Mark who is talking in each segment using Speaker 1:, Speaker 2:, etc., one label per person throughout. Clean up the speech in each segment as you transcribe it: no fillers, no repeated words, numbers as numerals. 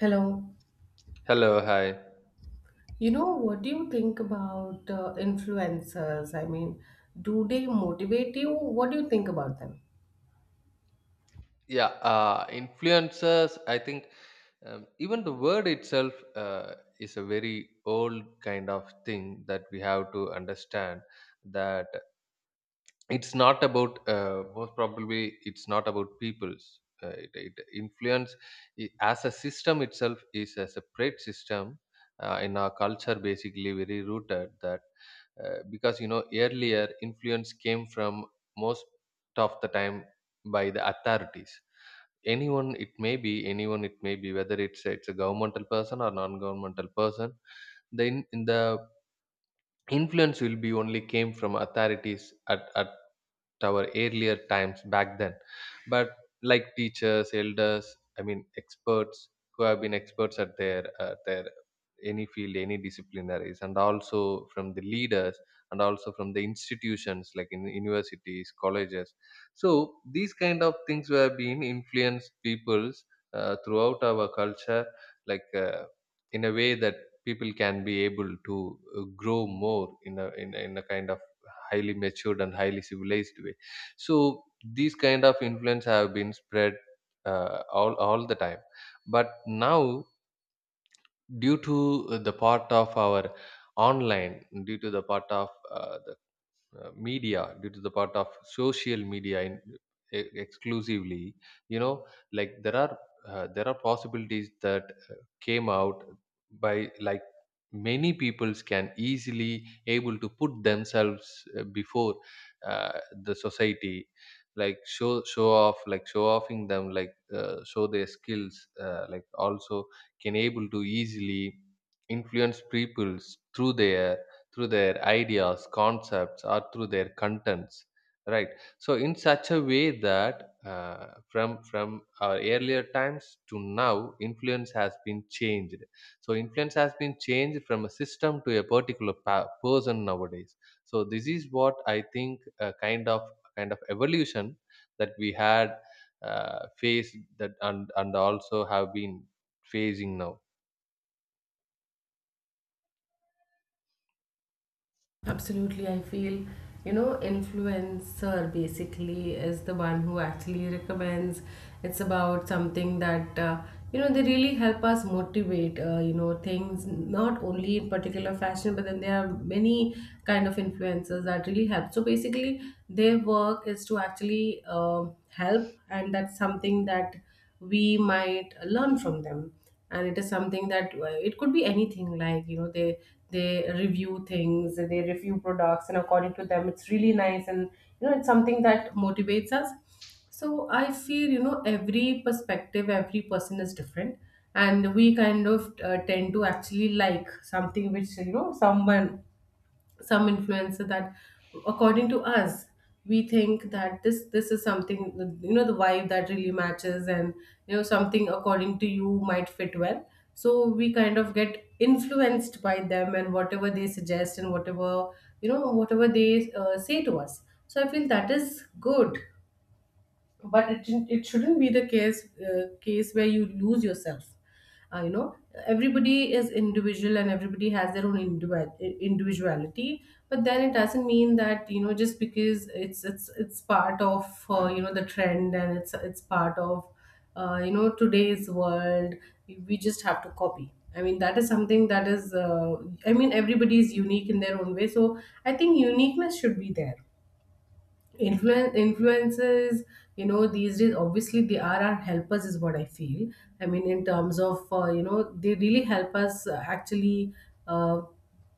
Speaker 1: Hello.
Speaker 2: Hello, hi.
Speaker 1: What do you think about influencers? I mean, do they motivate you? What do you think about them?
Speaker 2: Yeah, influencers, I think even the word itself is a very old kind of thing that we have to understand that it's not about most probably it's not about peoples it influence as a system itself is a separate system in our culture basically very rooted that because you know earlier influence came from most of the time by the authorities. Anyone, it may be anyone, it may be whether it's a governmental person or non-governmental person, then the influence will be only came from authorities at our earlier times back then. But like teachers, elders, I mean experts who have been experts at their any field, any disciplinaries, and also from the leaders and also from the institutions like in universities, colleges. So these kind of things were being influenced peoples throughout our culture, like in a way that people can be able to grow more in a in a kind of highly matured and highly civilized way. So these kind of influence have been spread all the time. But now, due to the part of our online, due to the part of the media, due to the part of social media in, exclusively, you know, like there are possibilities that uh, came out by like many peoples can easily able to put themselves before uh, the society, like show off, like show offing them, like show their skills, like also can able to easily influence peoples through their through their ideas, concepts, or through their contents, right? So in such a way that uh, from our earlier times to now influence has been changed. So influence has been changed from a system to a particular person nowadays. So this is what I think, a kind of evolution that we had faced that, and also have been facing now.
Speaker 1: Absolutely, I feel influencer basically is the one who actually recommends. It's about something that they really help us motivate. Things not only in particular fashion, but then there are many kind of influencers that really help. So basically, their work is to actually help, and that's something that we might learn from them, and it is something that it could be anything like they review things, they review products, and according to them it's really nice, and it's something that motivates us. So I feel every perspective, every person is different, and we kind of tend to actually like something which someone, some influencer that, according to us, we think that this is something, the vibe that really matches, and something according to you might fit well. So we kind of get influenced by them and whatever they suggest and whatever whatever they say to us. So I feel that is good, but it shouldn't be the case, case where you lose yourself. uh, you know everybody is individual and everybody has their own individuality, but then it doesn't mean that just because it's part of the trend, and it's part of today's world, we just have to copy. I mean that is something that is I mean everybody is unique in their own way, so I think uniqueness should be there. Influences, these days, obviously, they are our helpers is what I feel. I mean, in terms of they really help us actually uh,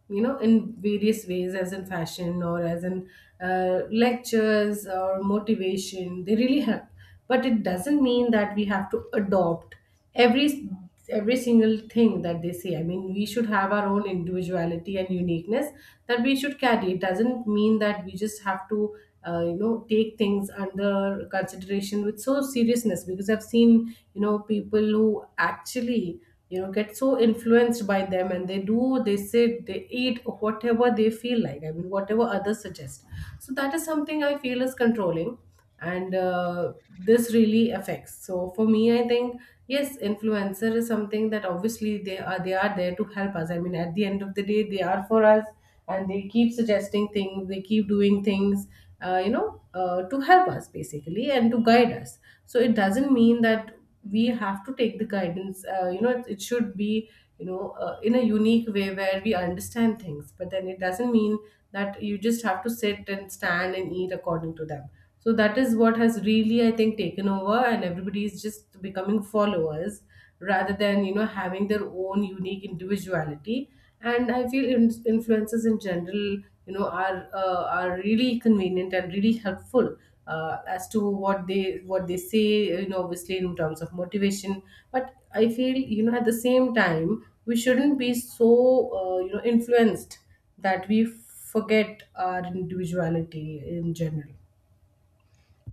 Speaker 1: in various ways, as in fashion or as in lectures or motivation, they really help. But it doesn't mean that we have to adopt every every single thing that they say. I mean we should have our own individuality and uniqueness that we should carry. It doesn't mean that we just have to take things under consideration with so seriousness, because I've seen people who actually get so influenced by them, and they say they eat whatever they feel like, I mean whatever others suggest. So that is something I feel is controlling, and this really affects. So for me, I think yes, influencer is something that obviously they are there to help us. I mean, at the end of the day, they are for us, and they keep suggesting things, they keep doing things, to help us basically and to guide us. So it doesn't mean that we have to take the guidance. It should be in a unique way where we understand things, but then it doesn't mean that you just have to sit and stand and eat according to them. So that is what has really, I think, taken over, and everybody is just becoming followers rather than having their own unique individuality. And I feel influencers in general, are really convenient and really helpful as to what they say. You know, obviously, in terms of motivation, but I feel at the same time we shouldn't be so influenced that we forget our individuality in general.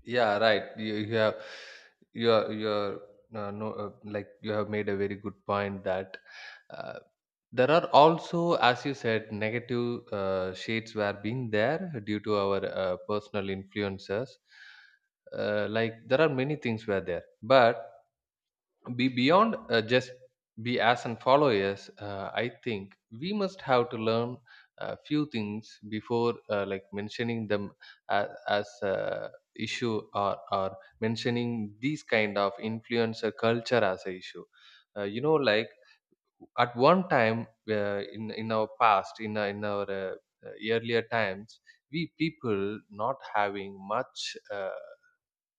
Speaker 2: Yeah, right. You have you're no, like you have made a very good point that uh, there are also, as you said, negative shades were being there due to our personal influences. Like there are many things were there, but be beyond just be as and followers, I think we must have to learn a few things before like mentioning them as a issue, or mentioning these kind of influencer culture as a issue. You know, like at one time, in our past, in our earlier times, we people not having much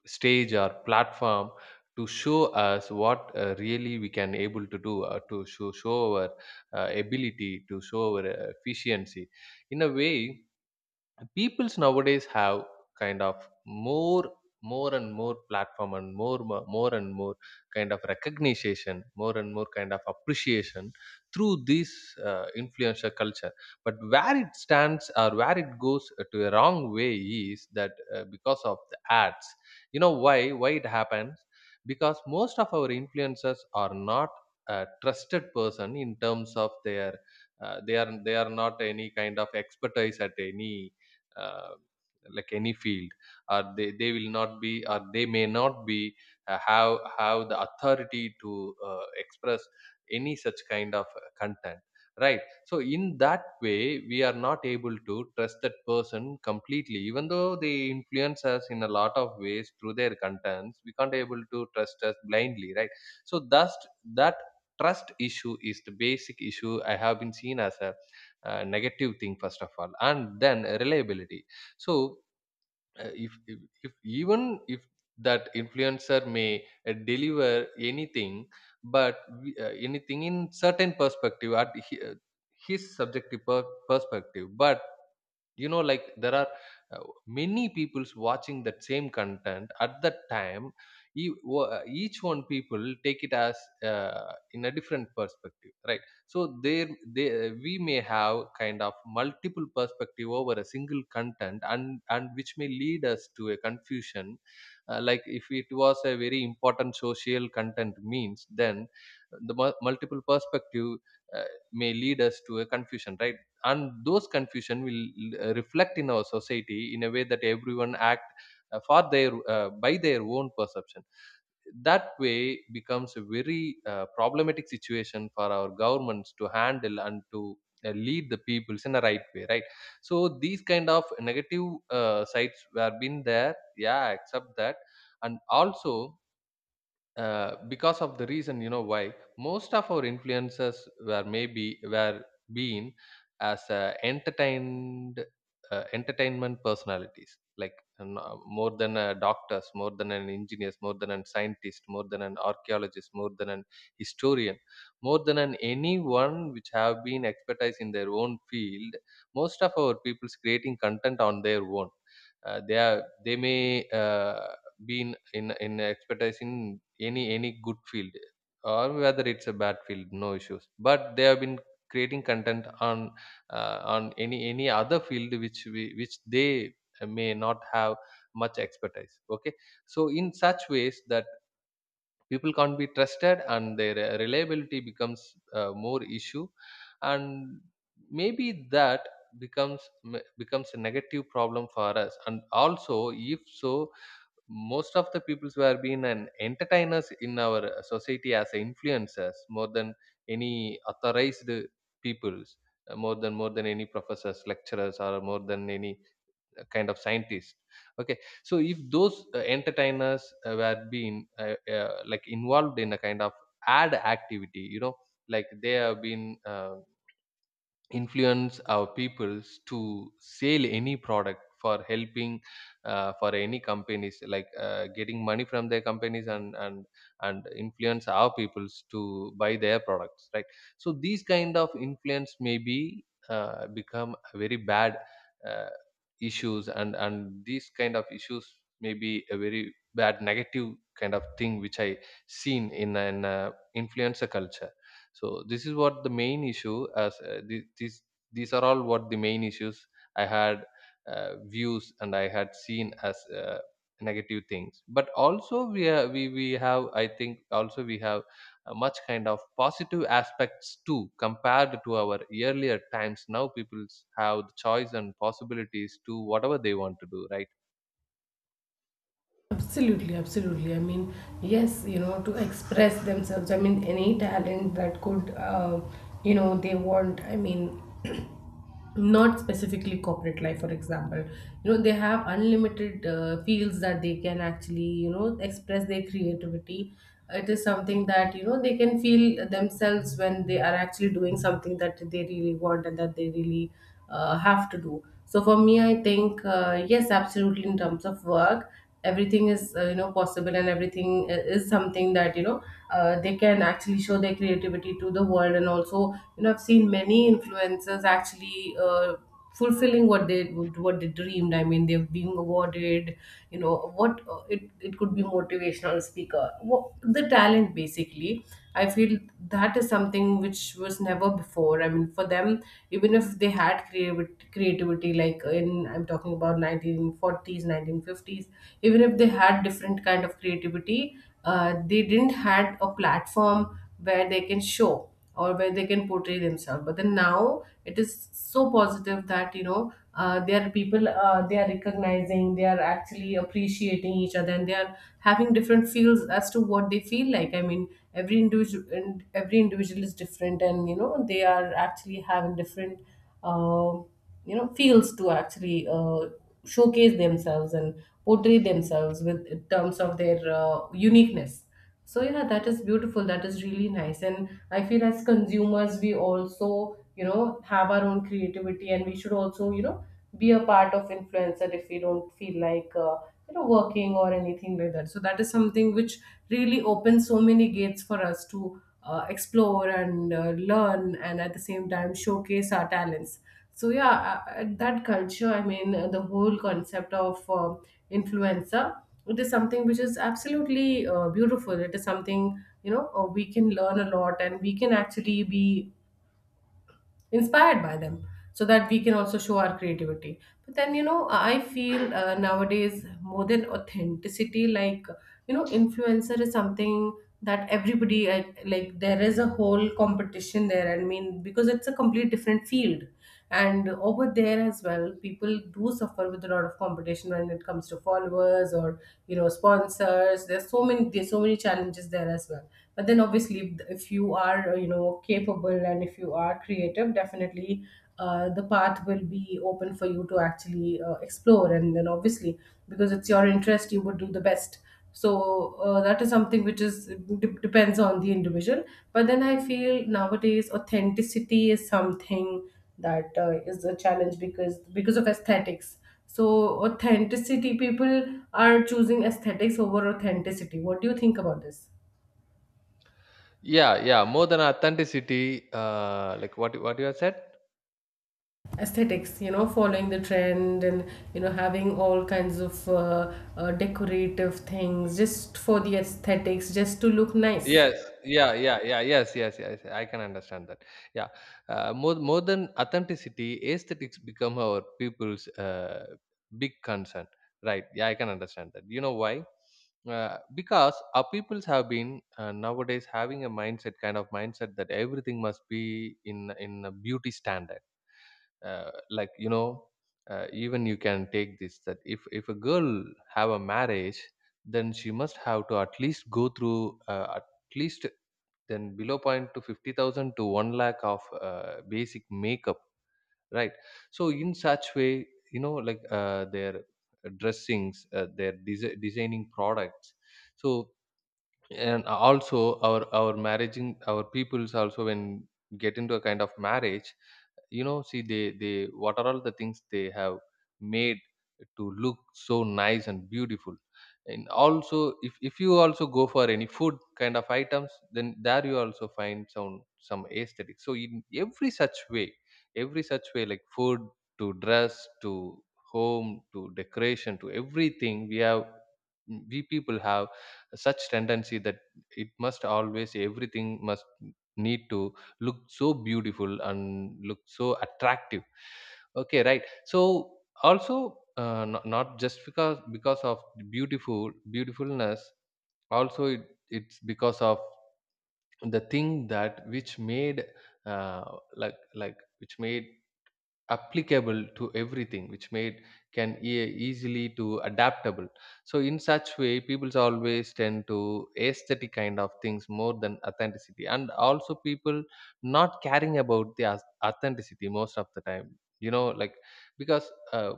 Speaker 2: stage or platform to show us what really we can able to do, to show our ability, to show our efficiency in a way. Peoples nowadays have kind of more and more platform, and more more and more kind of recognition, more and more kind of appreciation through this influencer culture. But where it stands or where it goes to a wrong way is that because of the ads, you know, why it happens, because most of our influencers are not a trusted person in terms of their they are not any kind of expertise at any uh, like any field, or they will not be, or they may not be have the authority to express any such kind of content, right? So in that way, we are not able to trust that person completely, even though they influence us in a lot of ways through their contents. We can't able to trust us blindly, right? So thus that trust issue is the basic issue I have been seen as a negative thing first of all, and then reliability. So if if even if that influencer may deliver anything, but anything in certain perspective at his subjective perspective. But you know, like there are uh, many peoples watching that same content at that time. Each one people take it as in a different perspective, right? So there, they, we may have kind of multiple perspective over a single content, and which may lead us to a confusion. Like if it was a very important social content means, then the multiple perspective uh, may lead us to a confusion, right? And those confusion will reflect in our society in a way that everyone act for their by their own perception. That way becomes a very problematic situation for our governments to handle and to lead the peoples in the right way, right? So these kind of negative sides were been there. Yeah, I accept that. And also because of the reason, you know why most of our influences were, maybe were being as entertained, entertainment personalities, like no, more than a doctors, more than an engineers, more than a scientist, more than an archaeologist, more than an historian, more than an anyone which have been expertise in their own field. Most of our people's creating content on their own, they are they may been in expertise in any good field, or whether it's a bad field, no issues, but they have been creating content on any other field which which they may not have much expertise, okay? So in such ways that people can't be trusted, and their reliability becomes more issue. And maybe that becomes a negative problem for us. And also if so, most of the peoples who have been an entertainers in our society as influencers more than any authorized peoples, more than any professors, lecturers, or more than any kind of scientist, okay? So if those entertainers were been like involved in a kind of ad activity, you know, like they have been, influence our peoples to sell any product for helping for any companies like getting money from their companies, and influence our peoples to buy their products, right? So these kind of influence maybe become a very bad uh, issues, and these kind of issues may be a very bad negative kind of thing which I seen in an influencer culture. So this is what the main issue, as this, these are all what the main issues I had views, and I had seen as negative things. But also we have, I think also we have a much kind of positive aspects too, compared to our earlier times. Now people have the choice and possibilities to whatever they want to do, right?
Speaker 1: Absolutely, absolutely. I mean, yes, you know, to express themselves. I mean, any talent that could, you know, they want. I mean, not specifically corporate life, for example. You know, they have unlimited fields that they can actually, you know, express their creativity. It is something that they can feel themselves when they are actually doing something that they really want and that they really have to do. So for me, I think yes, absolutely. In terms of work, everything is possible, and everything is something that they can actually show their creativity to the world. And also, you know, I've seen many influencers actually fulfilling what they dreamed. I mean, they have been awarded, what it could be motivational speaker, what, the talent basically. I feel that is something which was never before. I mean, for them, even if they had creativity, creativity, like in, I'm talking about 1940s, 1950s, even if they had different kind of creativity, they didn't had a platform where they can show or where they can portray themselves. But then now it is so positive that there are people, they are recognizing, they are actually appreciating each other, and they are having different feels as to what they feel like. I mean every individual, every individual is different, and they are actually having different uh, feels to actually showcase themselves and portray themselves with, in terms of their uniqueness. So yeah, that is beautiful. That is really nice. And I feel as consumers, we also, you know, have our own creativity, and we should also, you know, be a part of influencer if we don't feel like, you know, working or anything like that. So that is something which really opens so many gates for us to explore and learn, and at the same time showcase our talents. So yeah, that culture, I mean, the whole concept of influencer, it is something which is absolutely beautiful. It is something, you know, we can learn a lot, and we can actually be inspired by them so that we can also show our creativity. But then, you know, I feel nowadays more than authenticity, like, you know, influencer is something that everybody, like, there is a whole competition there. I mean, because it's a complete different field, and over there as well people do suffer with a lot of competition when it comes to followers or sponsors. There's so many, there's so many challenges there as well. But then obviously, if you are capable, and if you are creative, definitely the path will be open for you to actually explore, and then obviously, because it's your interest, you would do the best. So that is something which is depends on the individual. But then I feel nowadays authenticity is something that is a challenge because of aesthetics. So authenticity, people are choosing aesthetics over authenticity. What do you think about this?
Speaker 2: Yeah, yeah, more than authenticity, like what you have said.
Speaker 1: Aesthetics, you know, following the trend and having all kinds of decorative things, just for the aesthetics, just to look nice.
Speaker 2: Yes, yeah, yeah, yeah, yes, yes, yes. I can understand that. Yeah, more than authenticity, aesthetics become our people's big concern, right? Yeah, I can understand that. You know why? Because our peoples have been nowadays having a mindset, kind of mindset that everything must be in a beauty standard. Like you know, even you can take this that if a girl have a marriage, then she must have to at least go through, at least then below point to 50,000 to 1 lakh of basic makeup, right? So in such way, you know, like their dressings, their designing products. So and also our marrying our peoples also, when get into a kind of marriage, you know, see they what are all the things they have made to look so nice and beautiful. And also if you also go for any food kind of items, then there you also find some aesthetic. So in every such way, like food to dress to home to decoration to everything, we people have such tendency that it must always everything must need to look so beautiful and look so attractive, okay, right? So also not just because of beautiful beautifulness. Also it, it's because of the thing that which made uh, like which made applicable to everything, which made can easily to adaptable. So in such way, people always tend to aesthetic kind of things more than authenticity. And also people not caring about the authenticity most of the time, you know, like because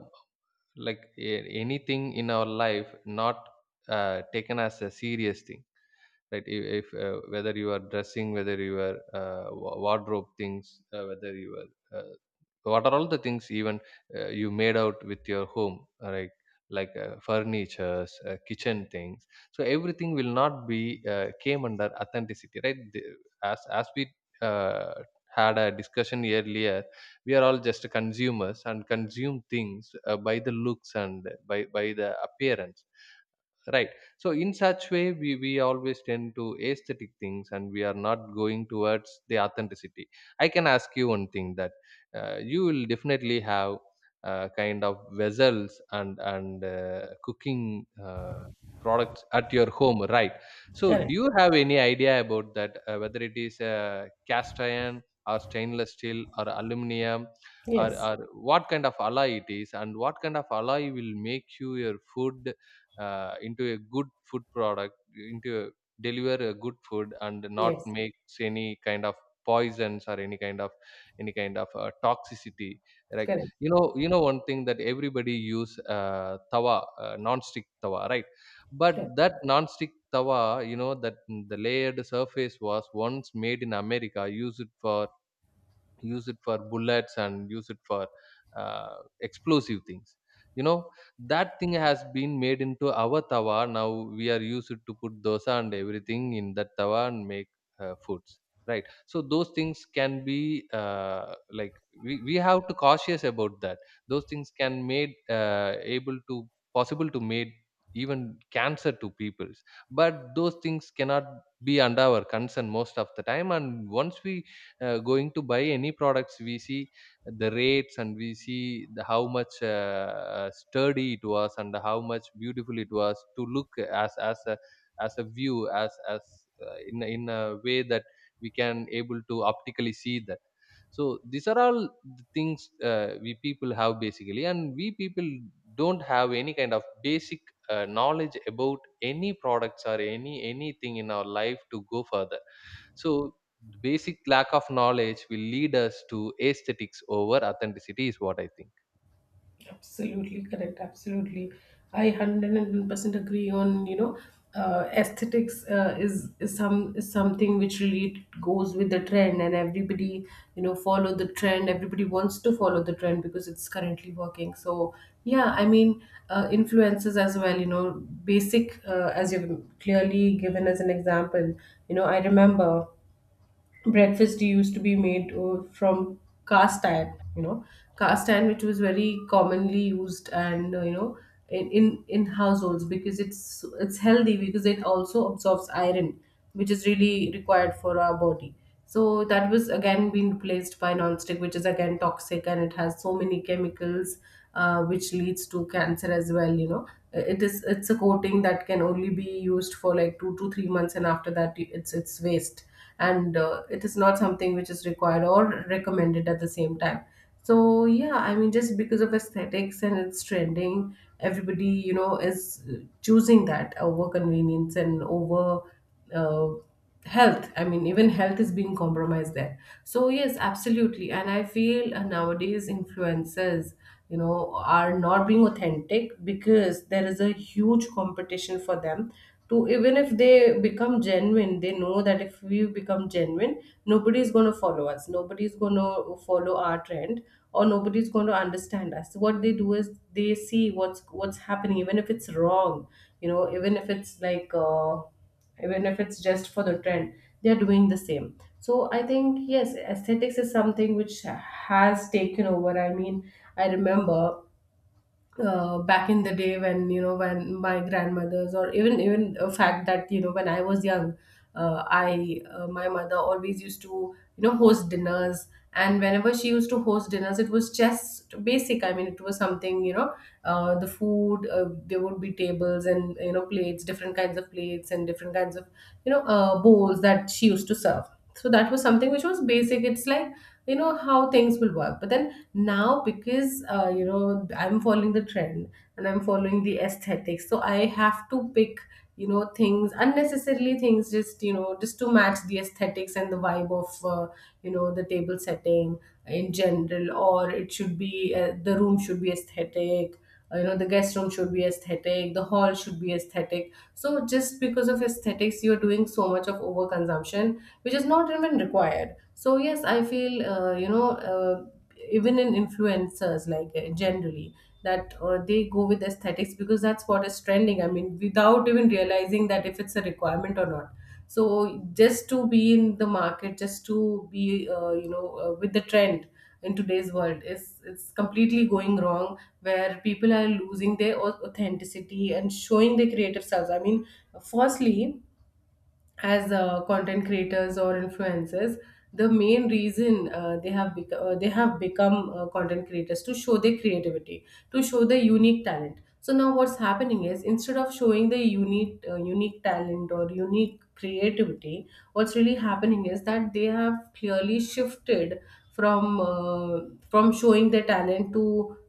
Speaker 2: like anything in our life not taken as a serious thing, right? If whether you are dressing, whether you are wardrobe things, whether you are what are all the things, even you made out with your home, right? Like furnitures, kitchen things. So everything will not be came under authenticity, right? As we uh, had a discussion earlier, we are all just consumers and consume things by the looks and by the appearance, right? So in such way we always tend to aesthetic things and we are not going towards the authenticity. I can ask you one thing that you will definitely have kind of vessels and cooking products at your home, right? So do
Speaker 1: Correct.
Speaker 2: you have any idea about that, whether it is cast iron or stainless steel or aluminum, or,
Speaker 1: Yes.
Speaker 2: or what kind of alloy it is, and what kind of alloy will make you your food into a good food product, into a, deliver a good food and not
Speaker 1: Yes.
Speaker 2: makes any kind of poisons or any kind of toxicity, like.
Speaker 1: Correct.
Speaker 2: You know, you know one thing, that everybody use tawa, non-stick tawa, right? But
Speaker 1: Correct.
Speaker 2: that non-stick tawa, you know, that the layered surface was once made in America, used it for bullets and use it for uh, explosive things, you know? That thing has been made into our tawa. Now we are used to put dosa and everything in that tawa and make foods, right? So those things can be like, we have to cautious about that. Those things can made able to, possible to made even cancer to peoples, but those things cannot be under our concern most of the time. And once we going to buy any products, we see the rates and we see the, how much sturdy it was and how much beautiful it was to look, as a as a view, as in in a way that we can able to optically see that. So these are all the things we people have basically, and we people don't have any kind of basic knowledge about any products or anything in our life to go further. So the basic lack of knowledge will lead us to aesthetics over authenticity, is what I think.
Speaker 1: Absolutely correct. Absolutely, I 110% agree on, aesthetics, is some is something which really goes with the trend, and everybody follow the trend. Everybody wants to follow the trend because it's currently working. So yeah, I mean influences as well. You know, basic, as you've clearly given as an example. You know, I remember breakfast used to be made from cast iron, you know, cast iron, which was very commonly used, and you know, in households, because it's healthy, because it also absorbs iron, which is really required for our body. So that was again being replaced by nonstick, which is again toxic, and it has so many chemicals, which leads to cancer as well. You know, it is, it's a coating that can only be used for like 2 to 3 months, and after that, it's waste, and it is not something which is required or recommended at the same time. So yeah, I mean, just because of aesthetics and it's trending, everybody you know is choosing that over convenience and over. Uh, Health, I mean, even health is being compromised there, so yes, absolutely. And I feel nowadays influencers, you know, are not being authentic because there is a huge competition for them. To even if they become genuine, they know that if we become genuine, nobody is going to follow us, nobody is going to follow our trend, or nobody is going to understand us. What they do is they see what's happening, even if it's wrong, you know, even if it's like even if it's just for the trend, they're doing the same. So I think, yes, aesthetics is something which has taken over. I mean, I remember back in the day when, you know, when my grandmothers, or even a fact that, you know, when I was young, I my mother always used to, you know, host dinners. And whenever she used to host dinners, it was just basic. I mean, it was something, you know, the food, there would be tables and, you know, plates, different kinds of plates, and different kinds of, you know, bowls that she used to serve. So that was something which was basic. It's like, you know, how things will work. But then now, because you know, I'm following the trend and I'm following the aesthetics, so I have to pick, you know, things unnecessarily, things just, you know, just to match the aesthetics and the vibe of you know, the table setting in general. Or it should be, the room should be aesthetic, you know, the guest room should be aesthetic, the hall should be aesthetic. So just because of aesthetics, you're doing so much of overconsumption, which is not even required. So yes, I feel even in influencers, like, generally, that they go with aesthetics because that's what is trending. I mean, without even realizing that if it's a requirement or not. So just to be in the market, just to be, with the trend in today's world, is, it's completely going wrong, where people are losing their authenticity and showing their creative selves. I mean, firstly, as content creators or influencers, the main reason they have become content creators to show their creativity, to show their unique talent. So now what's happening is, instead of showing the unique, unique talent or unique creativity, what's really happening is that they have clearly shifted from uh, from showing their talent to,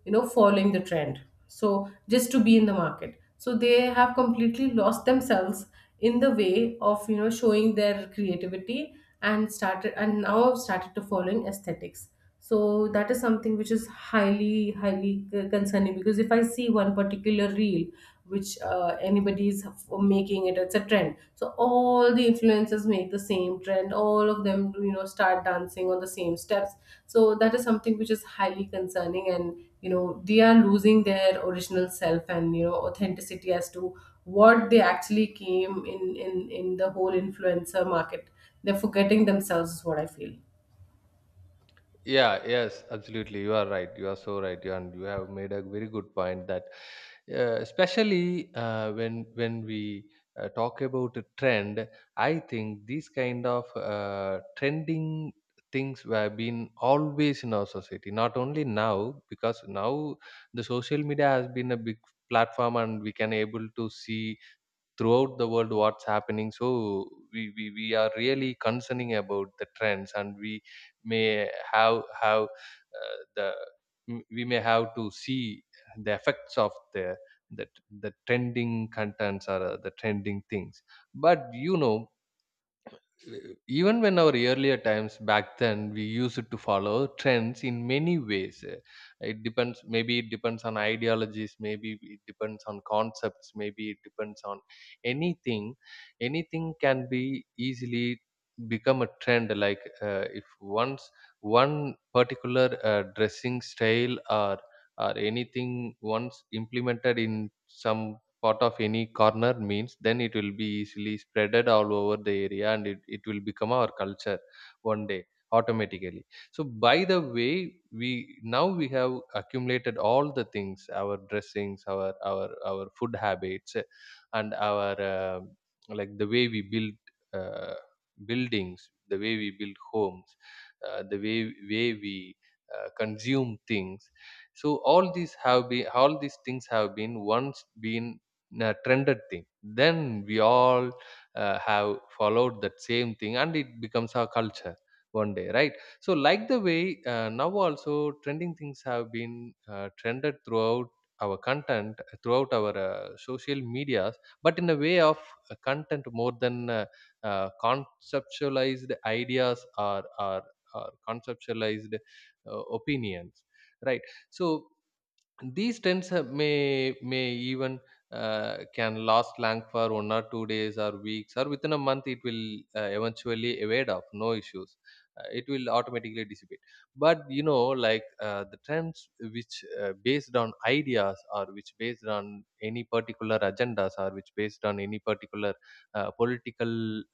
Speaker 1: you know, following the trend. So just to be in the market, so they have completely lost themselves in the way of, you know, showing their creativity, and started, and now I've started to following aesthetics. So that is something which is highly concerning, because if I see one particular reel which anybody is making it, it's a trend, so all the influencers make the same trend, all of them, you know, start dancing on the same steps. So that is something which is highly concerning, and you know, they are losing their original self and, you know, authenticity as to what they actually came in, in the whole influencer market. They're forgetting themselves, is what I feel.
Speaker 2: Yeah, yes, absolutely. You are right. You are so right. You, and you have made a very good point, that especially when we talk about a trend, I think these kind of trending things have been always in our society. Not only now, because now the social media has been a big platform, and we can able to see throughout the world what's happening. So we are really concerning about the trends, and we may have the, we may have to see the effects of the the, the trending contents or the trending things. But you know, even when our earlier times, back then, we used to follow trends in many ways. It depends, maybe it depends on ideologies, maybe it depends on concepts, maybe it depends on anything. Anything can be easily become a trend. Like if once one particular dressing style or or anything once implemented in some part of any corner means, then it will be easily spreaded all over the area, and it will become our culture one day automatically. So by the way, we now we have accumulated all the things, our dressings, our food habits, and our like the way we build uh, buildings, the way we build homes, the way we consume things. So all these things have been once been trended thing, then we all have followed that same thing, and it becomes our culture one day, right? So like the way now also trending things have been trended throughout our content, throughout our social medias, but in a way of content more than conceptualized ideas or or conceptualized opinions, right? So these trends may even can last long for one or two days or weeks or within a month. It will eventually evade off, no issues. It will automatically dissipate. But you know, like the trends which based on ideas or which based on any particular agendas or which based on any particular political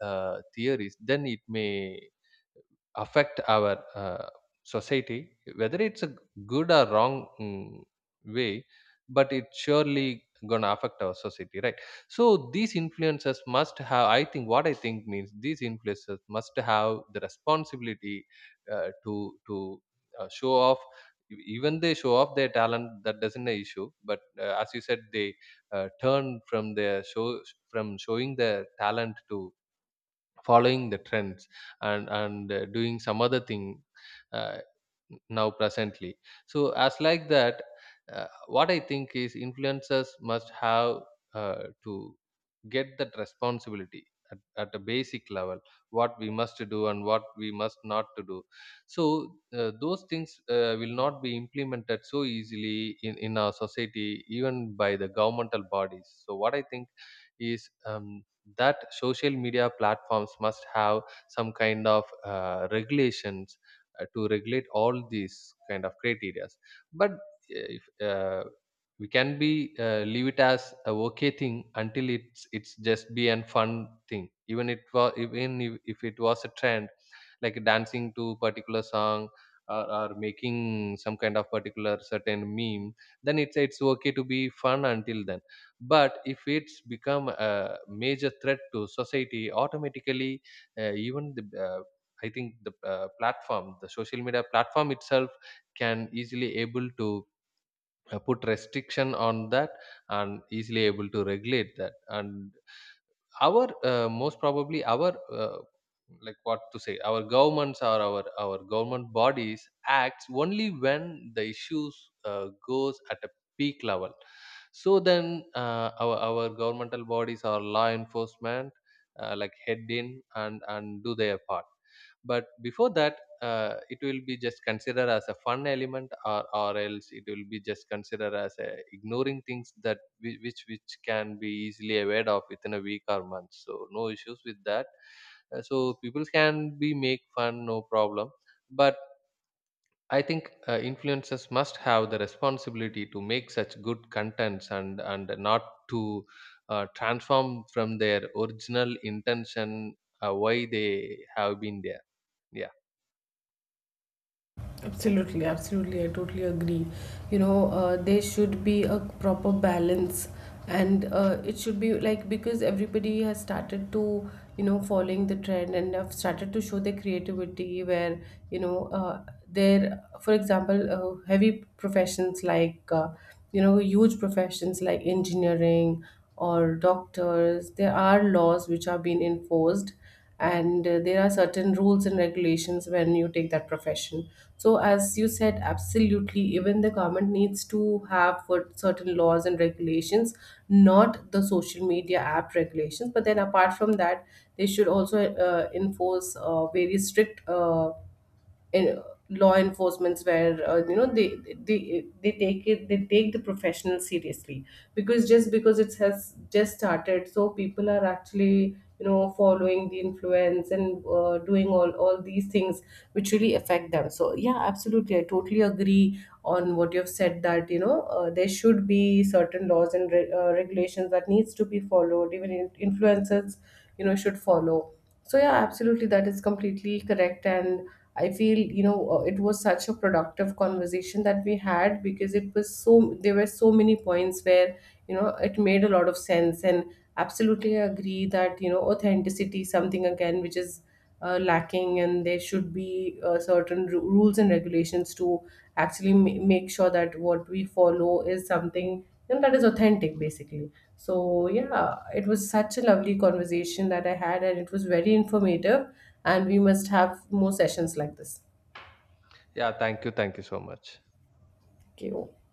Speaker 2: theories, then it may affect our society, whether it's a good or wrong way, but it's surely gonna affect our society, right? So these influencers must have, I think, what I think means, these influencers must have the responsibility to show off. Even they show off their talent, that doesn't an issue. But as you said, they turn from their show, from showing their talent to following the trends and doing some other thing uh, now presently. So as like that, what I think is, influencers must have to get that responsibility at a basic level, what we must do and what we must not to do. So those things will not be implemented so easily in our society, even by the governmental bodies. So what I think is that social media platforms must have some kind of regulations to regulate all these kind of criterias. But if we can be leave it as a okay thing until it's just be an fun thing, even it was, even if it was a trend, like dancing to particular song, or making some kind of particular certain meme, then it's okay to be fun until then. But if it's become a major threat to society, automatically, even the I think the platform, the social media platform itself, can easily able to put restriction on that, and easily able to regulate that. And our most probably our like what to say, our governments or our government bodies acts only when the issues goes at a peak level. So then our governmental bodies or law enforcement like head in and do their part. But before that, it will be just considered as a fun element, or else it will be just considered as a ignoring things that which can be easily aware of within a week or month, so no issues with that. So people can be make fun, no problem. But I think influencers must have the responsibility to make such good contents, and not to transform from their original intention, why they have been there. Yeah.
Speaker 1: Absolutely, absolutely. I totally agree. You know, there should be a proper balance, and it should be like, because everybody has started to, you know, following the trend and have started to show their creativity. Where, you know, there, for example, heavy professions like, you know, huge professions like engineering or doctors. There are laws which are being enforced, and there are certain rules and regulations when you take that profession. So as you said, absolutely, even the government needs to have what, certain laws and regulations, not the social media app regulations, but then apart from that, they should also enforce very strict, in law enforcements, where you know, they take it, they take the professional seriously, because just because it has just started, so people are actually, you know, following the influence, and doing all these things which really affect them. So yeah, absolutely, I totally agree on what you've said, that, you know, there should be certain laws and regulations that needs to be followed, even influencers, you know, should follow. So yeah, absolutely, that is completely correct. And I feel, you know, it was such a productive conversation that we had, because it was, so there were so many points where, you know, it made a lot of sense. And absolutely, I agree that, you know, authenticity is something again which is lacking, and there should be certain rules and regulations to actually make sure that what we follow is something, you know, that is authentic, basically. So yeah, it was such a lovely conversation that I had, and it was very informative, and we must have more sessions like this.
Speaker 2: Yeah Thank you, thank you so much.
Speaker 1: Okay.